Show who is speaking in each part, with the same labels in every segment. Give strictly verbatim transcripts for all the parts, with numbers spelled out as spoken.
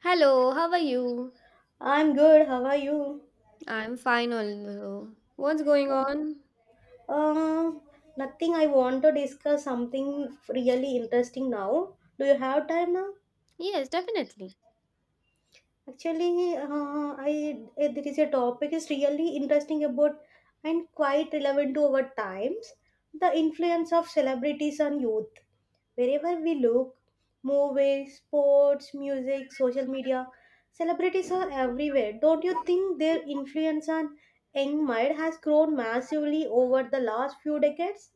Speaker 1: Hello, how are you?
Speaker 2: I'm good. How are you?
Speaker 1: I'm fine, although. What's going
Speaker 2: Uh,
Speaker 1: on?
Speaker 2: uh, nothing. I want to discuss something really interesting now. Do you have time now?
Speaker 1: Yes, definitely.
Speaker 2: Actually, uh, I eh, there is a topic is really interesting about and quite relevant to our times. The influence of celebrities on youth. Wherever we look, movies, sports, music, social media, celebrities are everywhere. Don't you think their influence on young mind has grown massively over the last few decades?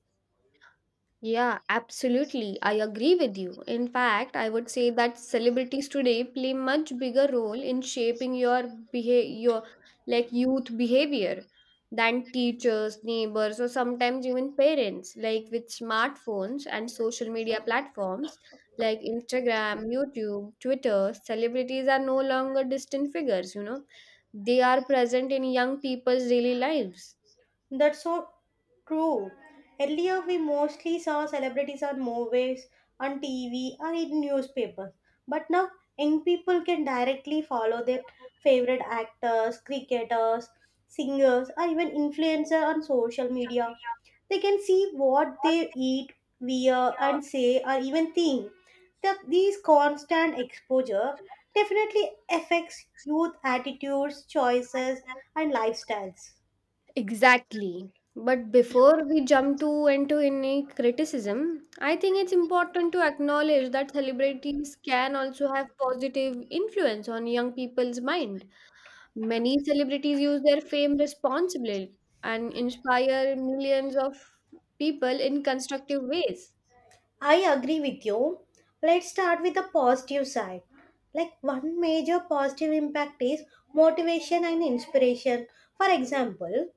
Speaker 1: Yeah, absolutely. I agree with you. In fact, I would say that celebrities today play much bigger role in shaping your behavior, your like youth behavior than teachers, neighbors, or sometimes even parents. Like with smartphones and social media platforms like Instagram, YouTube, Twitter, celebrities are no longer distant figures, you know. They are present in young people's daily lives.
Speaker 2: That's so true. Earlier, we mostly saw celebrities on movies, on T V, or in newspapers. But now, young people can directly follow their favorite actors, cricketers, singers, or even influencers on social
Speaker 1: Yeah,
Speaker 2: media. They can see what
Speaker 1: what,
Speaker 2: they eat, wear,
Speaker 1: uh,
Speaker 2: and say, or even think. The, these constant exposure definitely affects youth attitudes, choices,
Speaker 1: myself.
Speaker 2: and lifestyles.
Speaker 1: Exactly. But before we jump to into any criticism, I think it's important to acknowledge that celebrities can also have positive influence on young people's mind. Many celebrities use their fame responsibly and inspire millions of people in constructive ways.
Speaker 2: I agree with you. Let's start with the positive side. Like one major positive impact is motivation and inspiration. For example,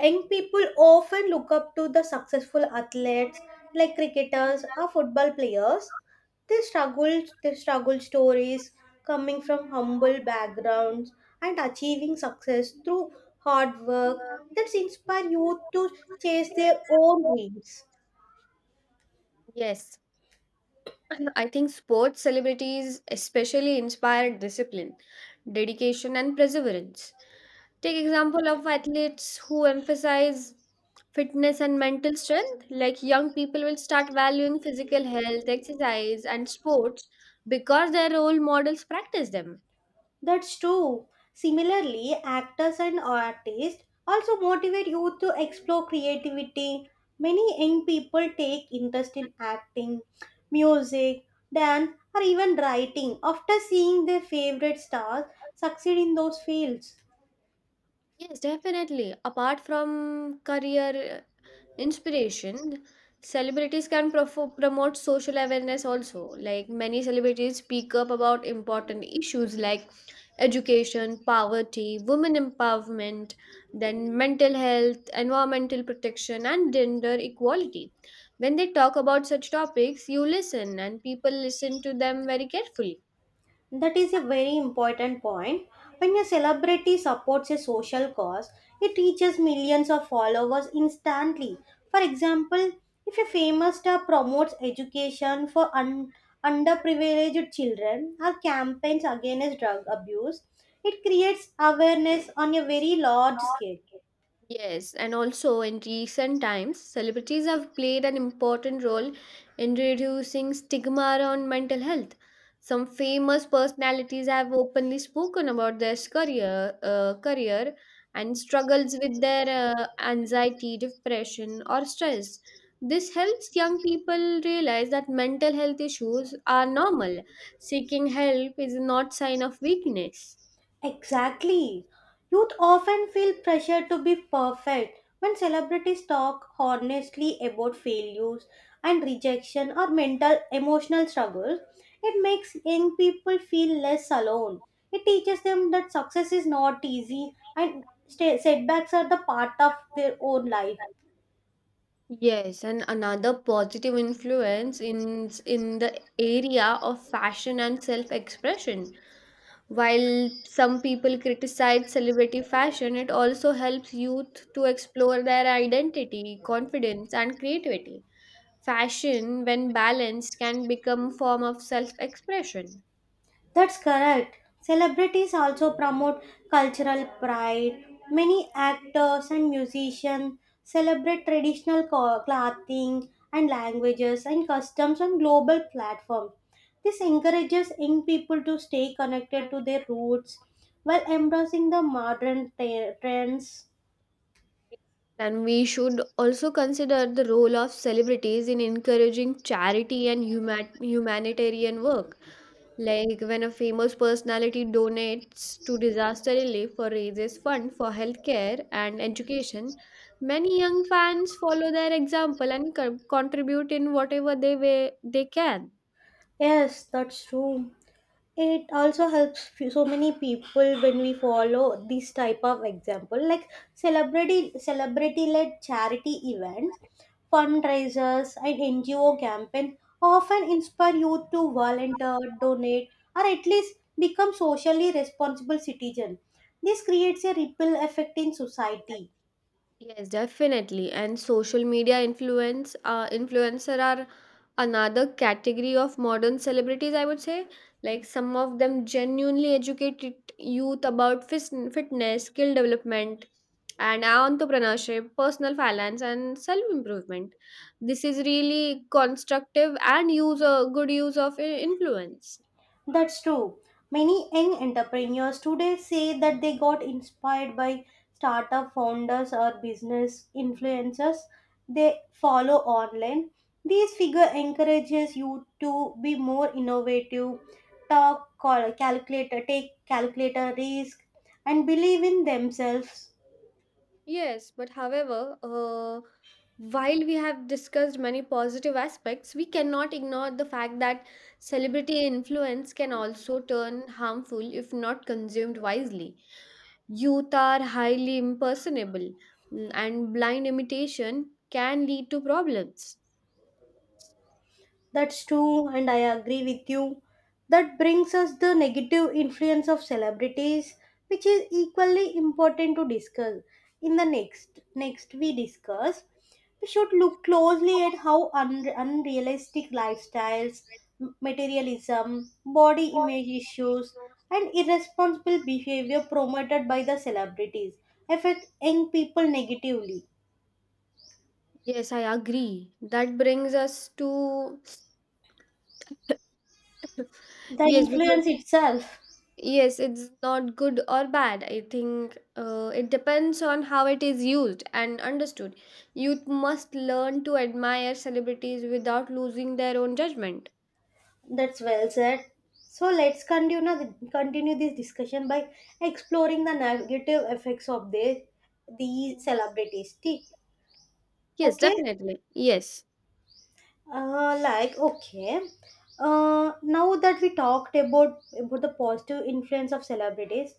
Speaker 2: young people often look up to the successful athletes like cricketers or football players. They struggle, their struggle stories coming from humble backgrounds and achieving success through hard work that inspire youth to chase their own dreams.
Speaker 1: Yes, I think sports celebrities especially inspire discipline, dedication, and perseverance. Take example of athletes who emphasize fitness and mental strength. Like young people will start valuing physical health, exercise, and sports because their role models practice them.
Speaker 2: That's true. Similarly, actors and artists also motivate youth to explore creativity. Many young people take interest in acting, music, dance, or even writing after seeing their favorite stars succeed in those fields.
Speaker 1: Yes, definitely. Apart from career uh, inspiration, celebrities can profo promote social awareness also. Like many celebrities speak up about important issues like education, poverty, women empowerment, then mental health, environmental protection, and gender equality. When they talk about such topics, you listen, and people listen to them very carefully.
Speaker 2: That is a very important point. When a celebrity supports a social cause, it reaches millions of followers instantly. For example, if a famous star promotes education for un- underprivileged children or campaigns against drug abuse, it creates awareness on a very large scale.
Speaker 1: Yes, and also in recent times, celebrities have played an important role in reducing stigma around mental health. Some famous personalities have openly spoken about their career, uh, career and struggles with their uh, anxiety, depression, or stress. This helps young people realize that mental health issues are normal. Seeking help is not sign of weakness.
Speaker 2: Exactly. Youth often feel pressure to be perfect when celebrities talk honestly about failures and rejection or mental emotional struggles. It makes young people feel less alone. It teaches them that success is not easy and sta- setbacks are the part of their own life.
Speaker 1: Yes, and another positive influence in in the area of fashion and self-expression. While some people criticize celebrity fashion, it also helps youth to explore their identity, confidence, and creativity. Fashion, when balanced, can become form of self-expression.
Speaker 2: That's correct. Celebrities also promote cultural pride. Many actors and musicians celebrate traditional co- clothing and languages and customs on global platforms. This encourages young people to stay connected to their roots while embracing the modern te- trends.
Speaker 1: And we should also consider the role of celebrities in encouraging charity and human- humanitarian work. Like when a famous personality donates to disaster relief or raises fund for healthcare and education, many young fans follow their example and co- contribute in whatever they way they can.
Speaker 2: Yes, that's true. It also helps few- so many people when we follow this type of example, like celebrity celebrity led charity events, fundraisers, and ngo campaign often inspire youth to volunteer, donate, or at least become socially responsible citizen. This creates a ripple effect in society.
Speaker 1: Yes, definitely. And social media influence uh, influencer are another category of modern celebrities, I would say. Like some of them genuinely educated youth about fis- fitness, skill development, and entrepreneurship, personal finance, and self improvement. This is really constructive and use a good use of i- influence.
Speaker 2: That's true. Many young entrepreneurs today say that they got inspired by startup founders or business influencers they follow online. These figure encourages you to be more innovative, talk, cal- calculator, take calculator risk, and believe in themselves.
Speaker 1: Yes, but however, uh, while we have discussed many positive aspects, we cannot ignore the fact that celebrity influence can also turn harmful if not consumed wisely. Youth are highly impersonable, l- and blind imitation can lead to problems.
Speaker 2: That's true, and I agree with you. That brings us the negative influence of celebrities, which is equally important to discuss. In the next next we discuss, we should look closely at how un- unrealistic lifestyles, m- materialism, body image issues, and irresponsible behavior promoted by the celebrities affect young people negatively.
Speaker 1: Yes, I agree. That brings us to.
Speaker 2: The
Speaker 1: Yes, because.
Speaker 2: influence itself.
Speaker 1: Yes, it's not good or bad. I think uh, it depends on how it is used and understood. Youth must learn to admire celebrities without losing their own judgment.
Speaker 2: That's well said. So let's continue continue this discussion by exploring the negative effects of the these celebrities.
Speaker 1: Yes,
Speaker 2: Okay.
Speaker 1: definitely. Yes.
Speaker 2: Uh, like okay uh, now that we talked about about the positive influence of celebrities,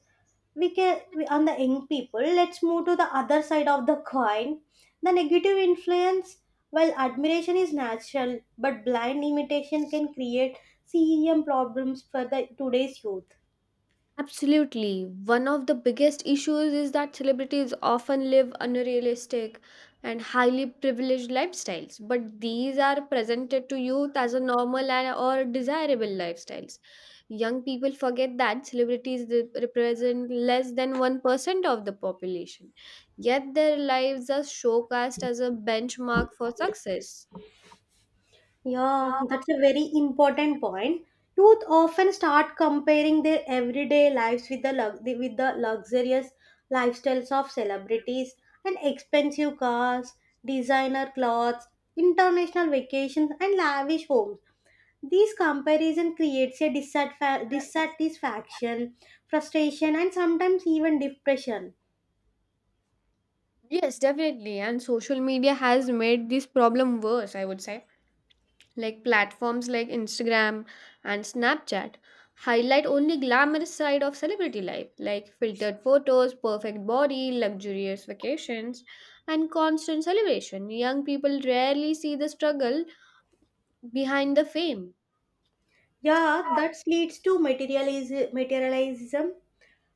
Speaker 2: we can we, on the young people, let's move to the other side of the coin, the negative influence. While admiration is natural but blind imitation can create cem problems for the today's youth.
Speaker 1: Absolutely. One of the biggest issues is that celebrities often live unrealistic and highly privileged lifestyles, but these are presented to youth as a normal and or desirable lifestyles. Young people forget that celebrities re- represent less than one percent of the population, yet their lives are showcased as a benchmark for success.
Speaker 2: Yeah,
Speaker 1: Yeah,
Speaker 2: that's a very important point. Youth often start comparing their everyday lives with the lux- the- with the luxurious lifestyles of celebrities and expensive cars, designer clothes, international vacations, and lavish homes. This comparison creates a dissatisfa-
Speaker 1: that's right.
Speaker 2: dissatisfaction, frustration, and sometimes even depression.
Speaker 1: Yes, definitely. And social media has made this problem worse, I would say. Like platforms like Instagram and Snapchat highlight only glamorous side of celebrity life, like filtered photos, perfect body, luxurious vacations, and constant celebration. Young people rarely see the struggle behind the fame.
Speaker 2: Yeah, that leads to materialism, materialism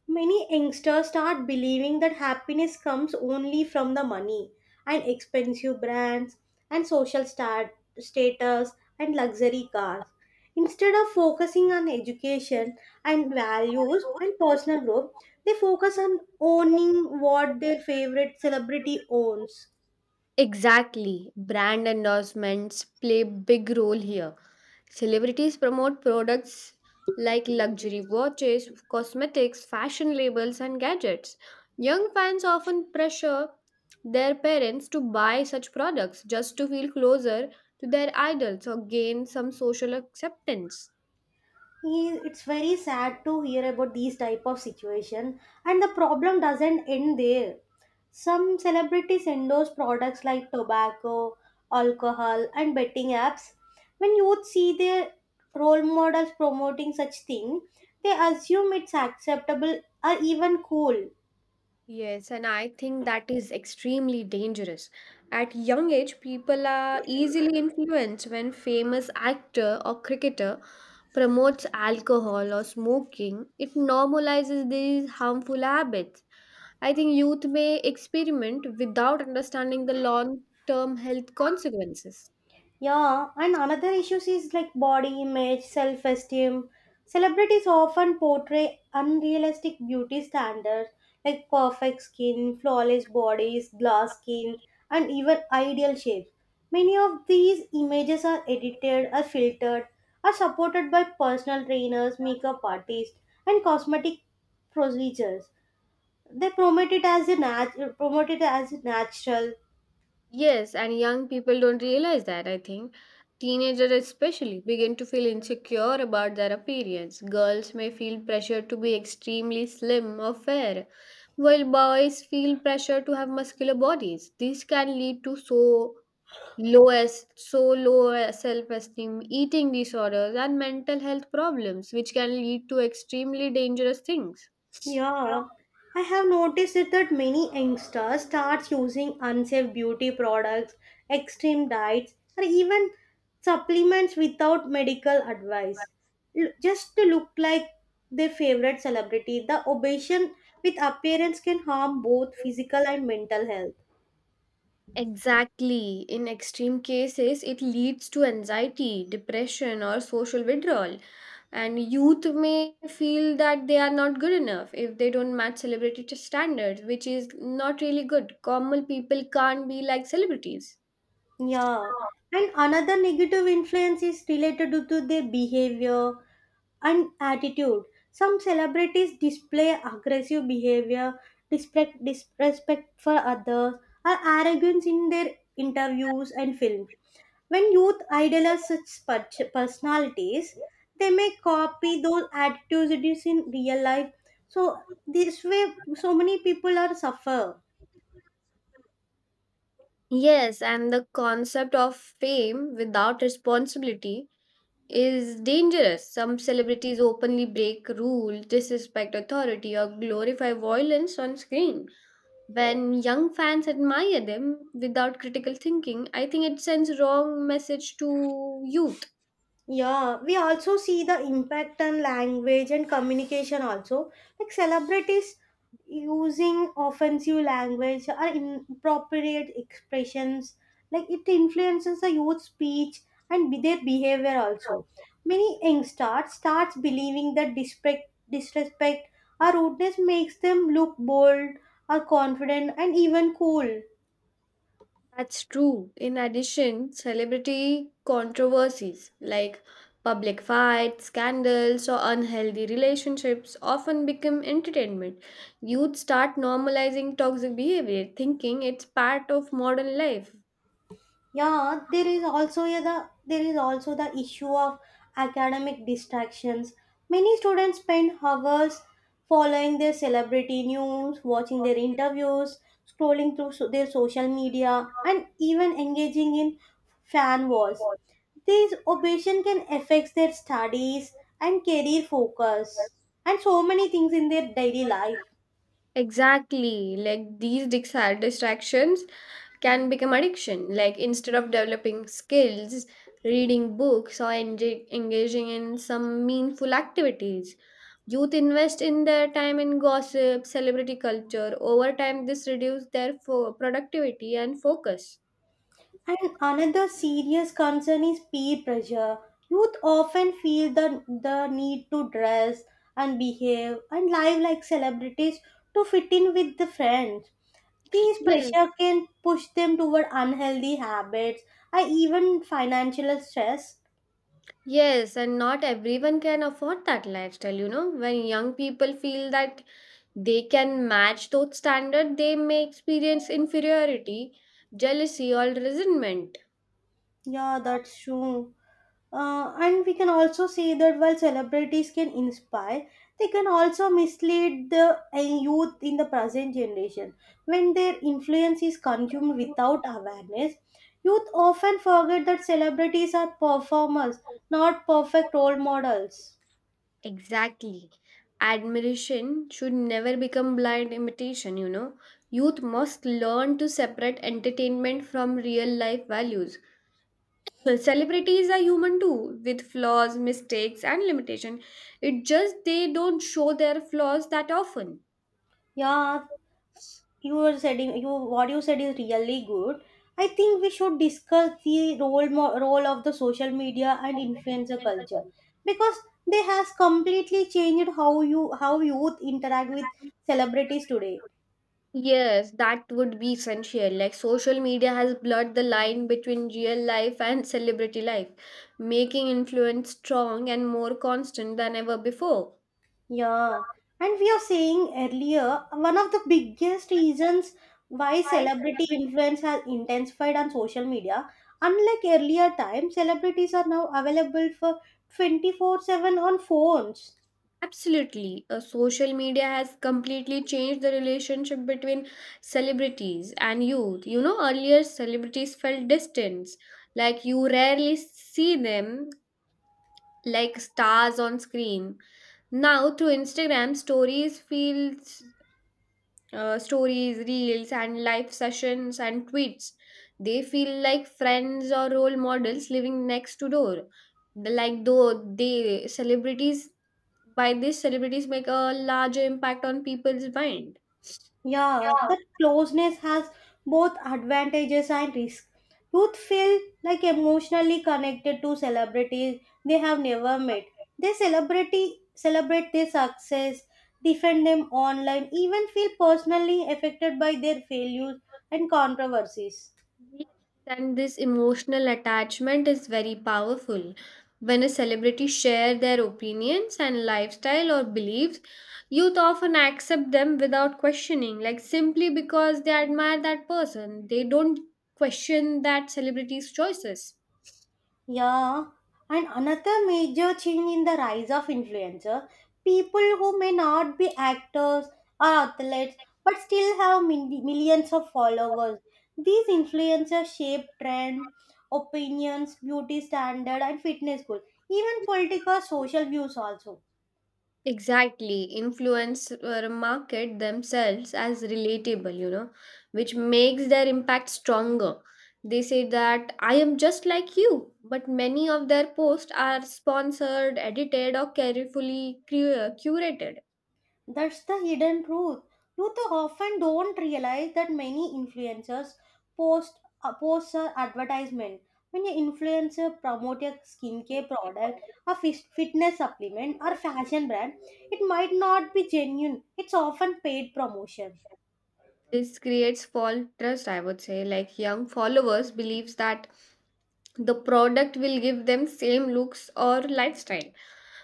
Speaker 2: Many youngsters start believing that happiness comes only from the money and expensive brands and social stat- status and luxury cars. Instead of focusing on education and values and personal growth, they focus on owning what their favorite celebrity owns.
Speaker 1: Exactly. Brand endorsements play big role here. Celebrities promote products like luxury watches, cosmetics, fashion labels and gadgets. Young fans often pressure their parents to buy such products just to feel closer to their idols or gain some social acceptance.
Speaker 2: He- it's very sad to hear about these type of situation, and the problem doesn't end there. Some celebrities endorse products like tobacco, alcohol, and betting apps. When youth see their role models promoting such thing, they assume it's acceptable or even cool.
Speaker 1: Yes, and I think that is extremely dangerous. At young age, people are easily influenced when famous actor or cricketer promotes alcohol or smoking. It normalizes these harmful habits. I think youth may experiment without understanding the long-term health consequences.
Speaker 2: Yeah, and another issue is like body image, self esteem. Celebrities often portray unrealistic beauty standards like perfect skin, flawless bodies, glass skin, and even ideal shapes. Many of these images are edited, are filtered, are supported by personal trainers, makeup artists, and cosmetic procedures. They promote it as a nat- promote it as natural.
Speaker 1: Yes, and young people don't realize that, I think. Teenagers, especially, begin to feel insecure about their appearance. Girls may feel pressure to be extremely slim or fair, while boys feel pressure to have muscular bodies. This can lead to so low as so low self-esteem, eating disorders, and mental health problems, which can lead to extremely dangerous things.
Speaker 2: Yeah, I have noticed it that many youngsters start using unsafe beauty products, extreme diets, or even supplements without medical advice, L- just to look like their favorite celebrity. The obsession with appearance can harm both physical and mental health.
Speaker 1: Exactly. In extreme cases, it leads to anxiety, depression, or social withdrawal. And youth may feel that they are not good enough if they don't match celebrity t- standards, which is not really good. Common people can't be like celebrities.
Speaker 2: Yeah, and another negative influence is related to to their behavior and attitude. Some celebrities display aggressive behavior, disrespect, disrespect for others, or arrogance in their interviews and films. When youth idolize such per- personalities, they may copy those attitudes in real life. So this way, so many people are suffer.
Speaker 1: Yes, and the concept of fame without responsibility is dangerous. Some celebrities openly break rules, disrespect authority, or glorify violence on screen. When young fans admire them without critical thinking, I think it sends wrong message to youth.
Speaker 2: Yeah, we also see the impact on language and communication also. Like celebrities using offensive language or inappropriate expressions, like it influences the youth speech and be- their behavior also. Many youngsters starts believing that disrespect, disrespect or rudeness makes them look bold or confident and even cool.
Speaker 1: That's true. In addition, celebrity controversies like public fights, scandals, or unhealthy relationships often become entertainment. Youth start normalizing toxic behavior, thinking it's part of modern life.
Speaker 2: yeah there is also yeah, the there is also the issue of academic distractions. Many students spend hours following their celebrity news, watching their interviews, scrolling through so- their social media, and even engaging in fan wars. These obsession can affect their studies and career focus and so many things in their daily life.
Speaker 1: Exactly, like these dis- distractions can become addiction. Like instead of developing skills, reading books, or enj- engaging in some meaningful activities, youth invest in their time in gossip, celebrity culture. Over time, this reduces their fo- productivity and focus.
Speaker 2: And another serious concern is peer pressure. Youth often feel the, the need to dress and behave and live like celebrities to fit in with the friends. These
Speaker 1: Yes.
Speaker 2: pressure can push them toward unhealthy habits and even financial stress.
Speaker 1: Yes, and not everyone can afford that lifestyle, you know. When young people feel that they can match those standards, they may experience inferiority, jealousy, or resentment.
Speaker 2: Yeah, that's true. Uh, and we can also see that while celebrities can inspire, they can also mislead the uh, youth in the present generation. When their influence is consumed without awareness, youth often forget that celebrities are performers, not perfect role models.
Speaker 1: Exactly. Admiration should never become blind imitation, you know. Youth must learn to separate entertainment from real life values. Well, celebrities are human too, with flaws, mistakes, and limitation. It just they don't show their flaws that often.
Speaker 2: Yeah, you were said you what you said is really good. I think we should discuss the role mo- role of the social media and influencer culture, because they has completely changed how you how youth interact with celebrities today.
Speaker 1: Yes, that would be essential. Like social media has blurred the line between real life and celebrity life, making influence strong and more constant than ever before.
Speaker 2: Yeah, and we are saying earlier, one of the biggest reasons why celebrity influence has intensified on social media. Unlike earlier times, celebrities are now available for twenty four seven on phones.
Speaker 1: Absolutely. Uh, social media has completely changed the relationship between celebrities and youth. You know, earlier celebrities felt distant, like you rarely see them like stars on screen now through Instagram stories feels uh, stories, reels, and live sessions and tweets. They feel like friends or role models living next to door. Like though they celebrities by this celebrities make a larger impact on people's mind.
Speaker 2: Yeah, that closeness has both advantages and risks. Youth feel like emotionally connected to celebrities they have never met. They celebrity celebrate their success, defend them online, even feel personally affected by their failures and controversies.
Speaker 1: Yes, and this emotional attachment is very powerful. When a celebrity share their opinions and lifestyle or beliefs, youth often accept them without questioning, like simply because they admire that person. They don't question that celebrity's choices.
Speaker 2: Yeah, and another major change in the rise of influencer, people who may not be actors or athletes but still have min- millions of followers. These influencers shape trend, opinions, beauty standard, and fitness goals, even political social views also.
Speaker 1: Exactly, influencers market themselves as relatable, you know, which makes their impact stronger. They say that I am just like you, but many of their posts are sponsored, edited, or carefully cur- curated.
Speaker 2: That's the hidden truth. Youth often don't realize that many influencers post uh, post a advertisement. When an influencer promote a skincare product, a fis- fitness supplement, or fashion brand, it might not be genuine. It's often paid promotion.
Speaker 1: This creates false trust, I would say. Like young followers believes that the product will give them same looks or lifestyle.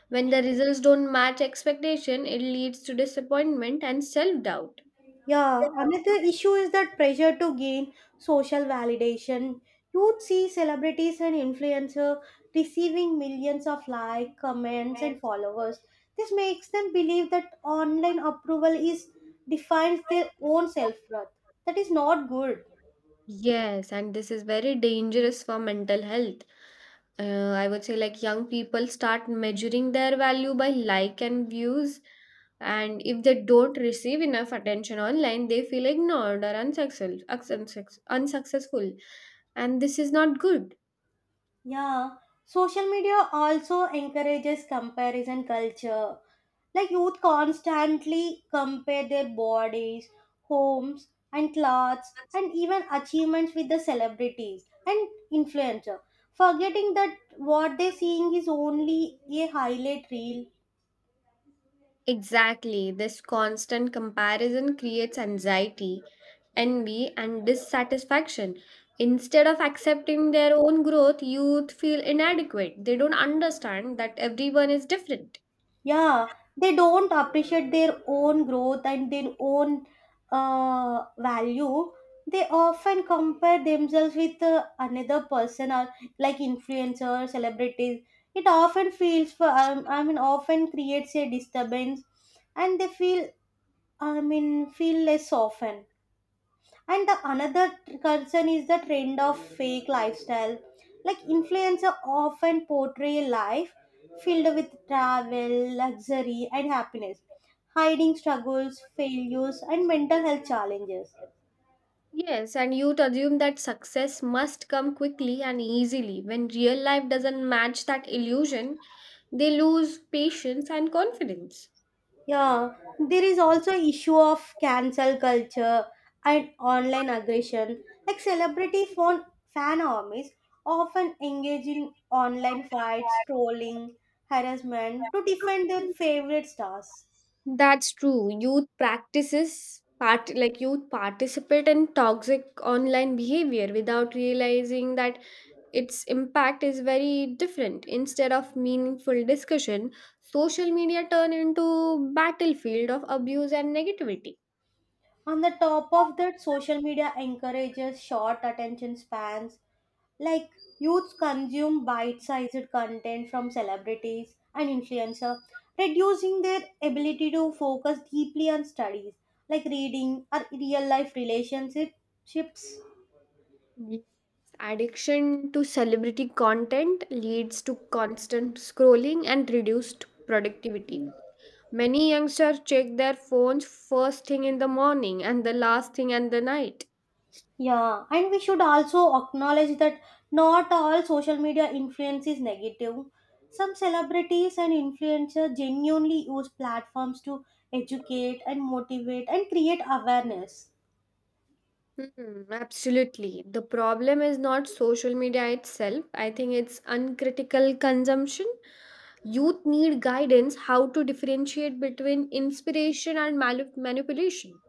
Speaker 1: When the results don't match expectation, it leads to disappointment and self doubt.
Speaker 2: Yeah, another issue is that pressure to gain social validation. You'd see celebrities and influencers receiving millions of likes, comments, and followers. This makes them believe that online approval is defines their own self worth. That is not good.
Speaker 1: Yes, and this is very dangerous for mental health. Uh, I would say, like, young people start measuring their value by like and views, and if they don't receive enough attention online, they feel ignored or unsuccessful, unsuccess- unsuccessful, and this is not good.
Speaker 2: Yeah, social media also encourages comparison culture. Like youth constantly compare their bodies, homes, and clothes, and even achievements with the celebrities and influencer, forgetting that what they're seeing is only a highlight reel.
Speaker 1: Exactly, this constant comparison creates anxiety, envy, and dissatisfaction. Instead of accepting their own growth, youth feel inadequate. They don't understand that everyone is different.
Speaker 2: Yeah, they don't appreciate their own growth and their own uh, value. They often compare themselves with uh, another person, or like influencers, celebrities. It often feels for um, I mean, often creates a disturbance, and they feel I mean feel less often. And the another tr- concern is the trend of fake lifestyle, like influencer often portray life filled with travel, luxury, and happiness, hiding struggles, failures, and mental health challenges.
Speaker 1: Yes, and youth assume that success must come quickly and easily. When real life doesn't match that illusion, they lose patience and confidence.
Speaker 2: Yeah, there is also issue of cancel culture and online aggression, like celebrity fan fan armies often engage in online fights, trolling, harassment to defend their favorite stars.
Speaker 1: That's true. Youth practices part like youth participate in toxic online behavior without realizing that its impact is very different. Instead of meaningful discussion, social media turn into battlefield of abuse and negativity.
Speaker 2: On the top of that, social media encourages short attention spans. Like youths consume bite-sized content from celebrities and influencers, reducing their ability to focus deeply on studies like reading or real-life relationships.
Speaker 1: Yes, addiction to celebrity content leads to constant scrolling and reduced productivity. Many youngsters check their phones first thing in the morning and the last thing at the night.
Speaker 2: Yeah, and we should also acknowledge that not all social media influence is negative. Some celebrities and influencers genuinely use platforms to educate and motivate and create awareness.
Speaker 1: Hmm, absolutely. The problem is not social media itself. I think it's uncritical consumption. Youth need guidance how to differentiate between inspiration and mal- manipulation.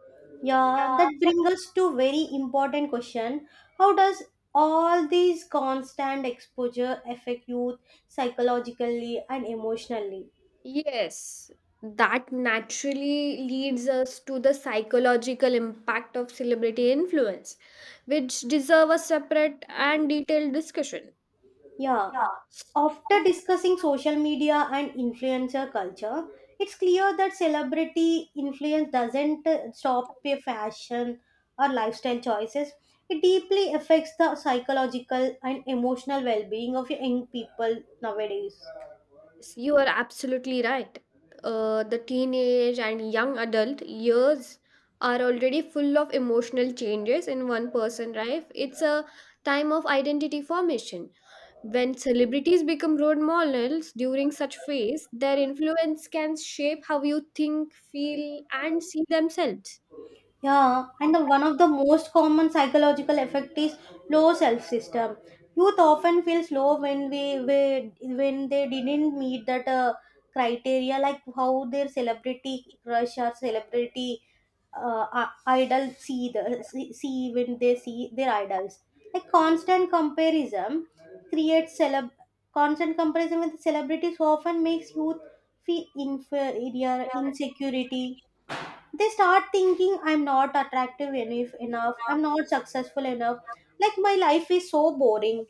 Speaker 2: Yeah, that brings us to very important question. How does all these constant exposure affect youth psychologically and emotionally?
Speaker 1: Yes, that naturally leads us to the psychological impact of celebrity influence, which deserve a separate and detailed discussion.
Speaker 2: Yeah, after discussing social media and influencer culture, it's clear that celebrity influence doesn't uh, stop a fashion or lifestyle choices. It deeply affects the psychological and emotional well being of young people nowadays.
Speaker 1: Yes, you are absolutely right. Uh, the teenage and young adult years are already full of emotional changes in one person life. It's a time of identity formation. When celebrities become role models during such phase, their influence can shape how you think, feel, and see themselves.
Speaker 2: Yeah, and the, one of the most common psychological effect is low self esteem. Youth often feels low when we, we when they didn't meet that uh, criteria, like how their celebrity crush or celebrity uh, i- idol see the see, see when they see their idols. Like constant comparison creates celeb constant comparison with celebrities often makes youth feel inferior, insecurity, they start thinking I'm not attractive enough enough, I'm not successful enough, like my life is so boring.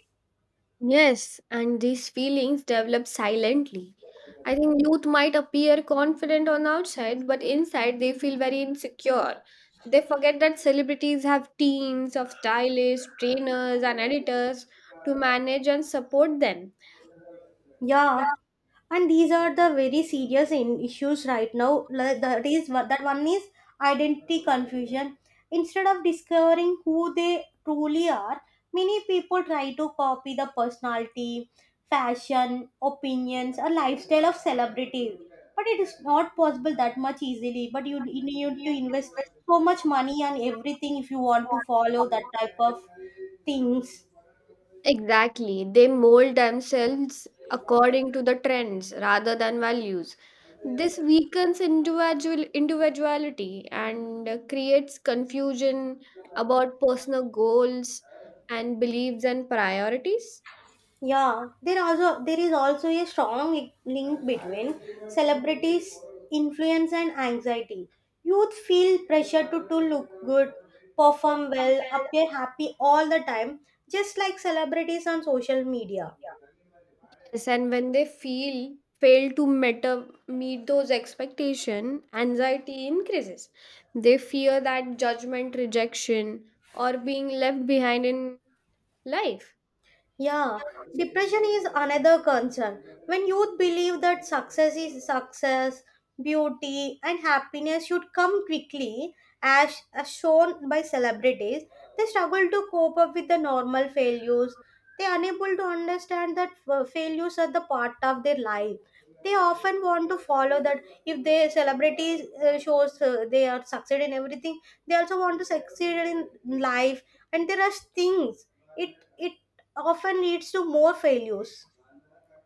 Speaker 1: Yes, and these feelings develop silently. I think youth might appear confident on outside, but inside they feel very insecure. They forget that celebrities have teams of stylists, trainers, and editors to manage and support them.
Speaker 2: Yeah, and these are the very serious in issues right now. Like, That is that one is identity confusion. Instead of discovering who they truly are, many people try to copy the personality, fashion, opinions, or lifestyle of celebrity. But it is not possible that much easily. But you you need to invest so much money and everything if you want to follow that type of things.
Speaker 1: Exactly. They mold themselves according to the trends rather than values. This weakens individual individuality and uh, creates confusion about personal goals and beliefs and priorities.
Speaker 2: Yeah, there also there is also a strong li- link between celebrities' influence and anxiety. Youth feel pressure to, to look good, perform well, appear happy all the time, just like celebrities on social media.
Speaker 1: Yes, and when they feel fail to met, meet those expectation, anxiety increases. They fear that judgment, rejection, or being left behind in life.
Speaker 2: Yeah, depression is another concern. When youth believe that success is success, beauty, and happiness should come quickly, as, as shown by celebrities, they struggle to cope up with the normal failures. They are unable to understand that uh, failures are the part of their life. They often want to follow that if they celebrities uh, shows uh, they are succeed in everything, they also want to succeed in life, and there are things it it often leads to more failures.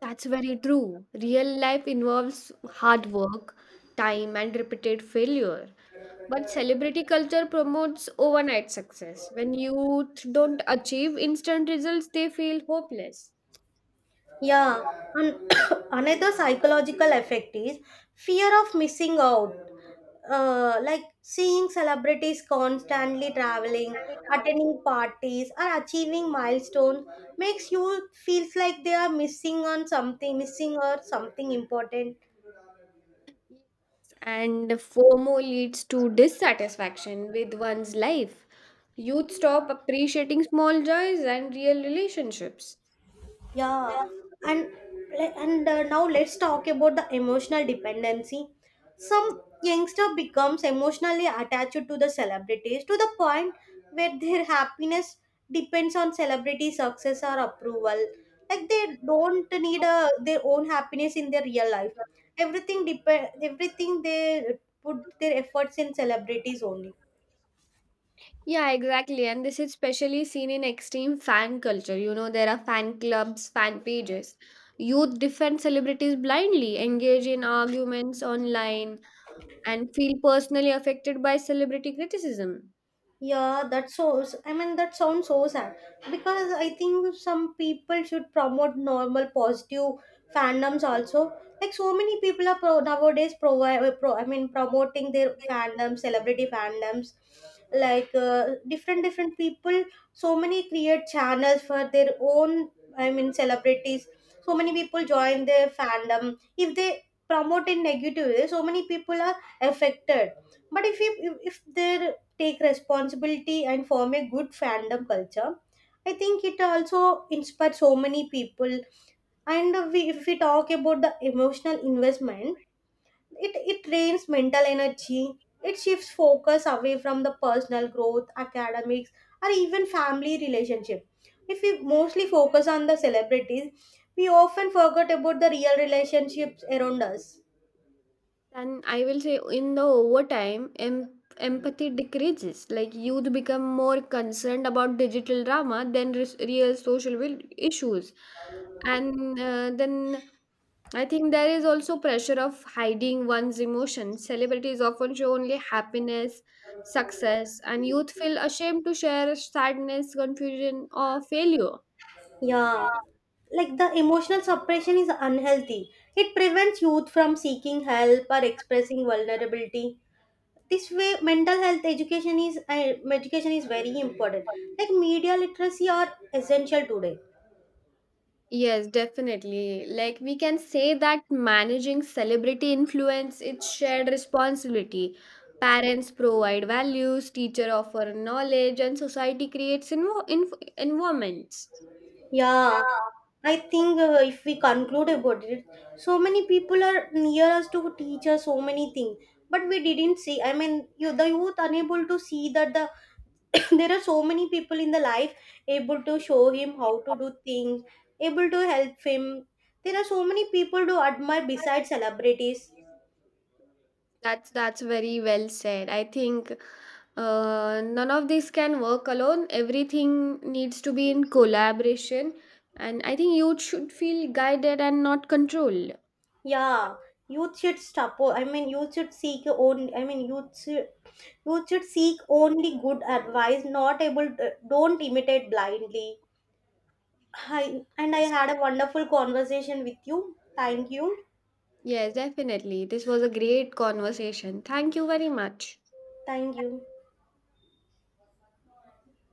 Speaker 1: That's very true. Real life involves hard work, time, and repeated failure. But celebrity culture promotes overnight success. When youth don't achieve instant results, they feel hopeless.
Speaker 2: Yeah, and another psychological effect is fear of missing out. Uh, like seeing celebrities constantly traveling, attending parties, or achieving milestones makes you feels like they are missing on something, missing or something important.
Speaker 1: And FOMO leads to dissatisfaction with one's life. Youth stop appreciating small joys and real relationships.
Speaker 2: Yeah, and le- and uh, now let's talk about the emotional dependency. Some youngster becomes emotionally attached to the celebrities to the point where their happiness depends on celebrity success or approval. Like they don't need a, their own happiness in their real life, everything depend everything they put their efforts in celebrities only.
Speaker 1: Yeah, exactly. And this is especially seen in extreme fan culture. You know, there are fan clubs, fan pages. Youth defend celebrities blindly, engage in arguments online, and feel personally affected by celebrity criticism.
Speaker 2: Yeah, that's so. I mean, that sounds so sad because I think some people should promote normal positive fandoms also. Like so many people are pro- nowadays provide. Pro- I mean, promoting their fandoms, celebrity fandoms, like uh, different different people. So many create channels for their own. I mean, celebrities. So many people join their fandom. If they promote in negative way, so many people are affected, but if, if if their take responsibility and form a good fandom culture. I think it also inspired so many people. And uh, we, if we talk about the emotional investment, it, it drains mental energy. It shifts focus away from the personal growth, academics, or even family relationship. If we mostly focus on the celebrities, we often forget about the real relationships around us.
Speaker 1: And I will say, in the overtime, em- empathy decreases. Like, youth become more concerned about digital drama than res- real social will- issues. And uh, then I think there is also pressure of hiding one's emotions. Celebrities often show only happiness, success, and youth feel ashamed to share sadness, confusion, or failure.
Speaker 2: Yeah, like the emotional suppression is unhealthy. It prevents youth from seeking help or expressing vulnerability. This way, mental health education is uh, education is very important. Like media literacy are essential today.
Speaker 1: Yes, definitely. Like we can say that managing celebrity influence it's shared responsibility. Parents provide values, teacher offer knowledge, and society creates invo- inf- environments.
Speaker 2: Yeah, I think uh, if we conclude about it, so many people are near us to teach us so many things, but we didn't see. I mean, you, the youth unable to see that the there are so many people in the life able to show him how to do things, able to help him, there are so many people to admire besides celebrities.
Speaker 1: That's that's very well said. I think Uh, none of this can work alone. Everything needs to be in collaboration. And I think youth should feel guided and not controlled.
Speaker 2: Yeah, youth should stop I mean youth should seek own I mean youth should, youth should seek only good advice, not able to, don't imitate blindly. Hi, and I had a wonderful conversation with you. Thank you.
Speaker 1: Yes, definitely. This was a great conversation. Thank you very much.
Speaker 2: Thank you.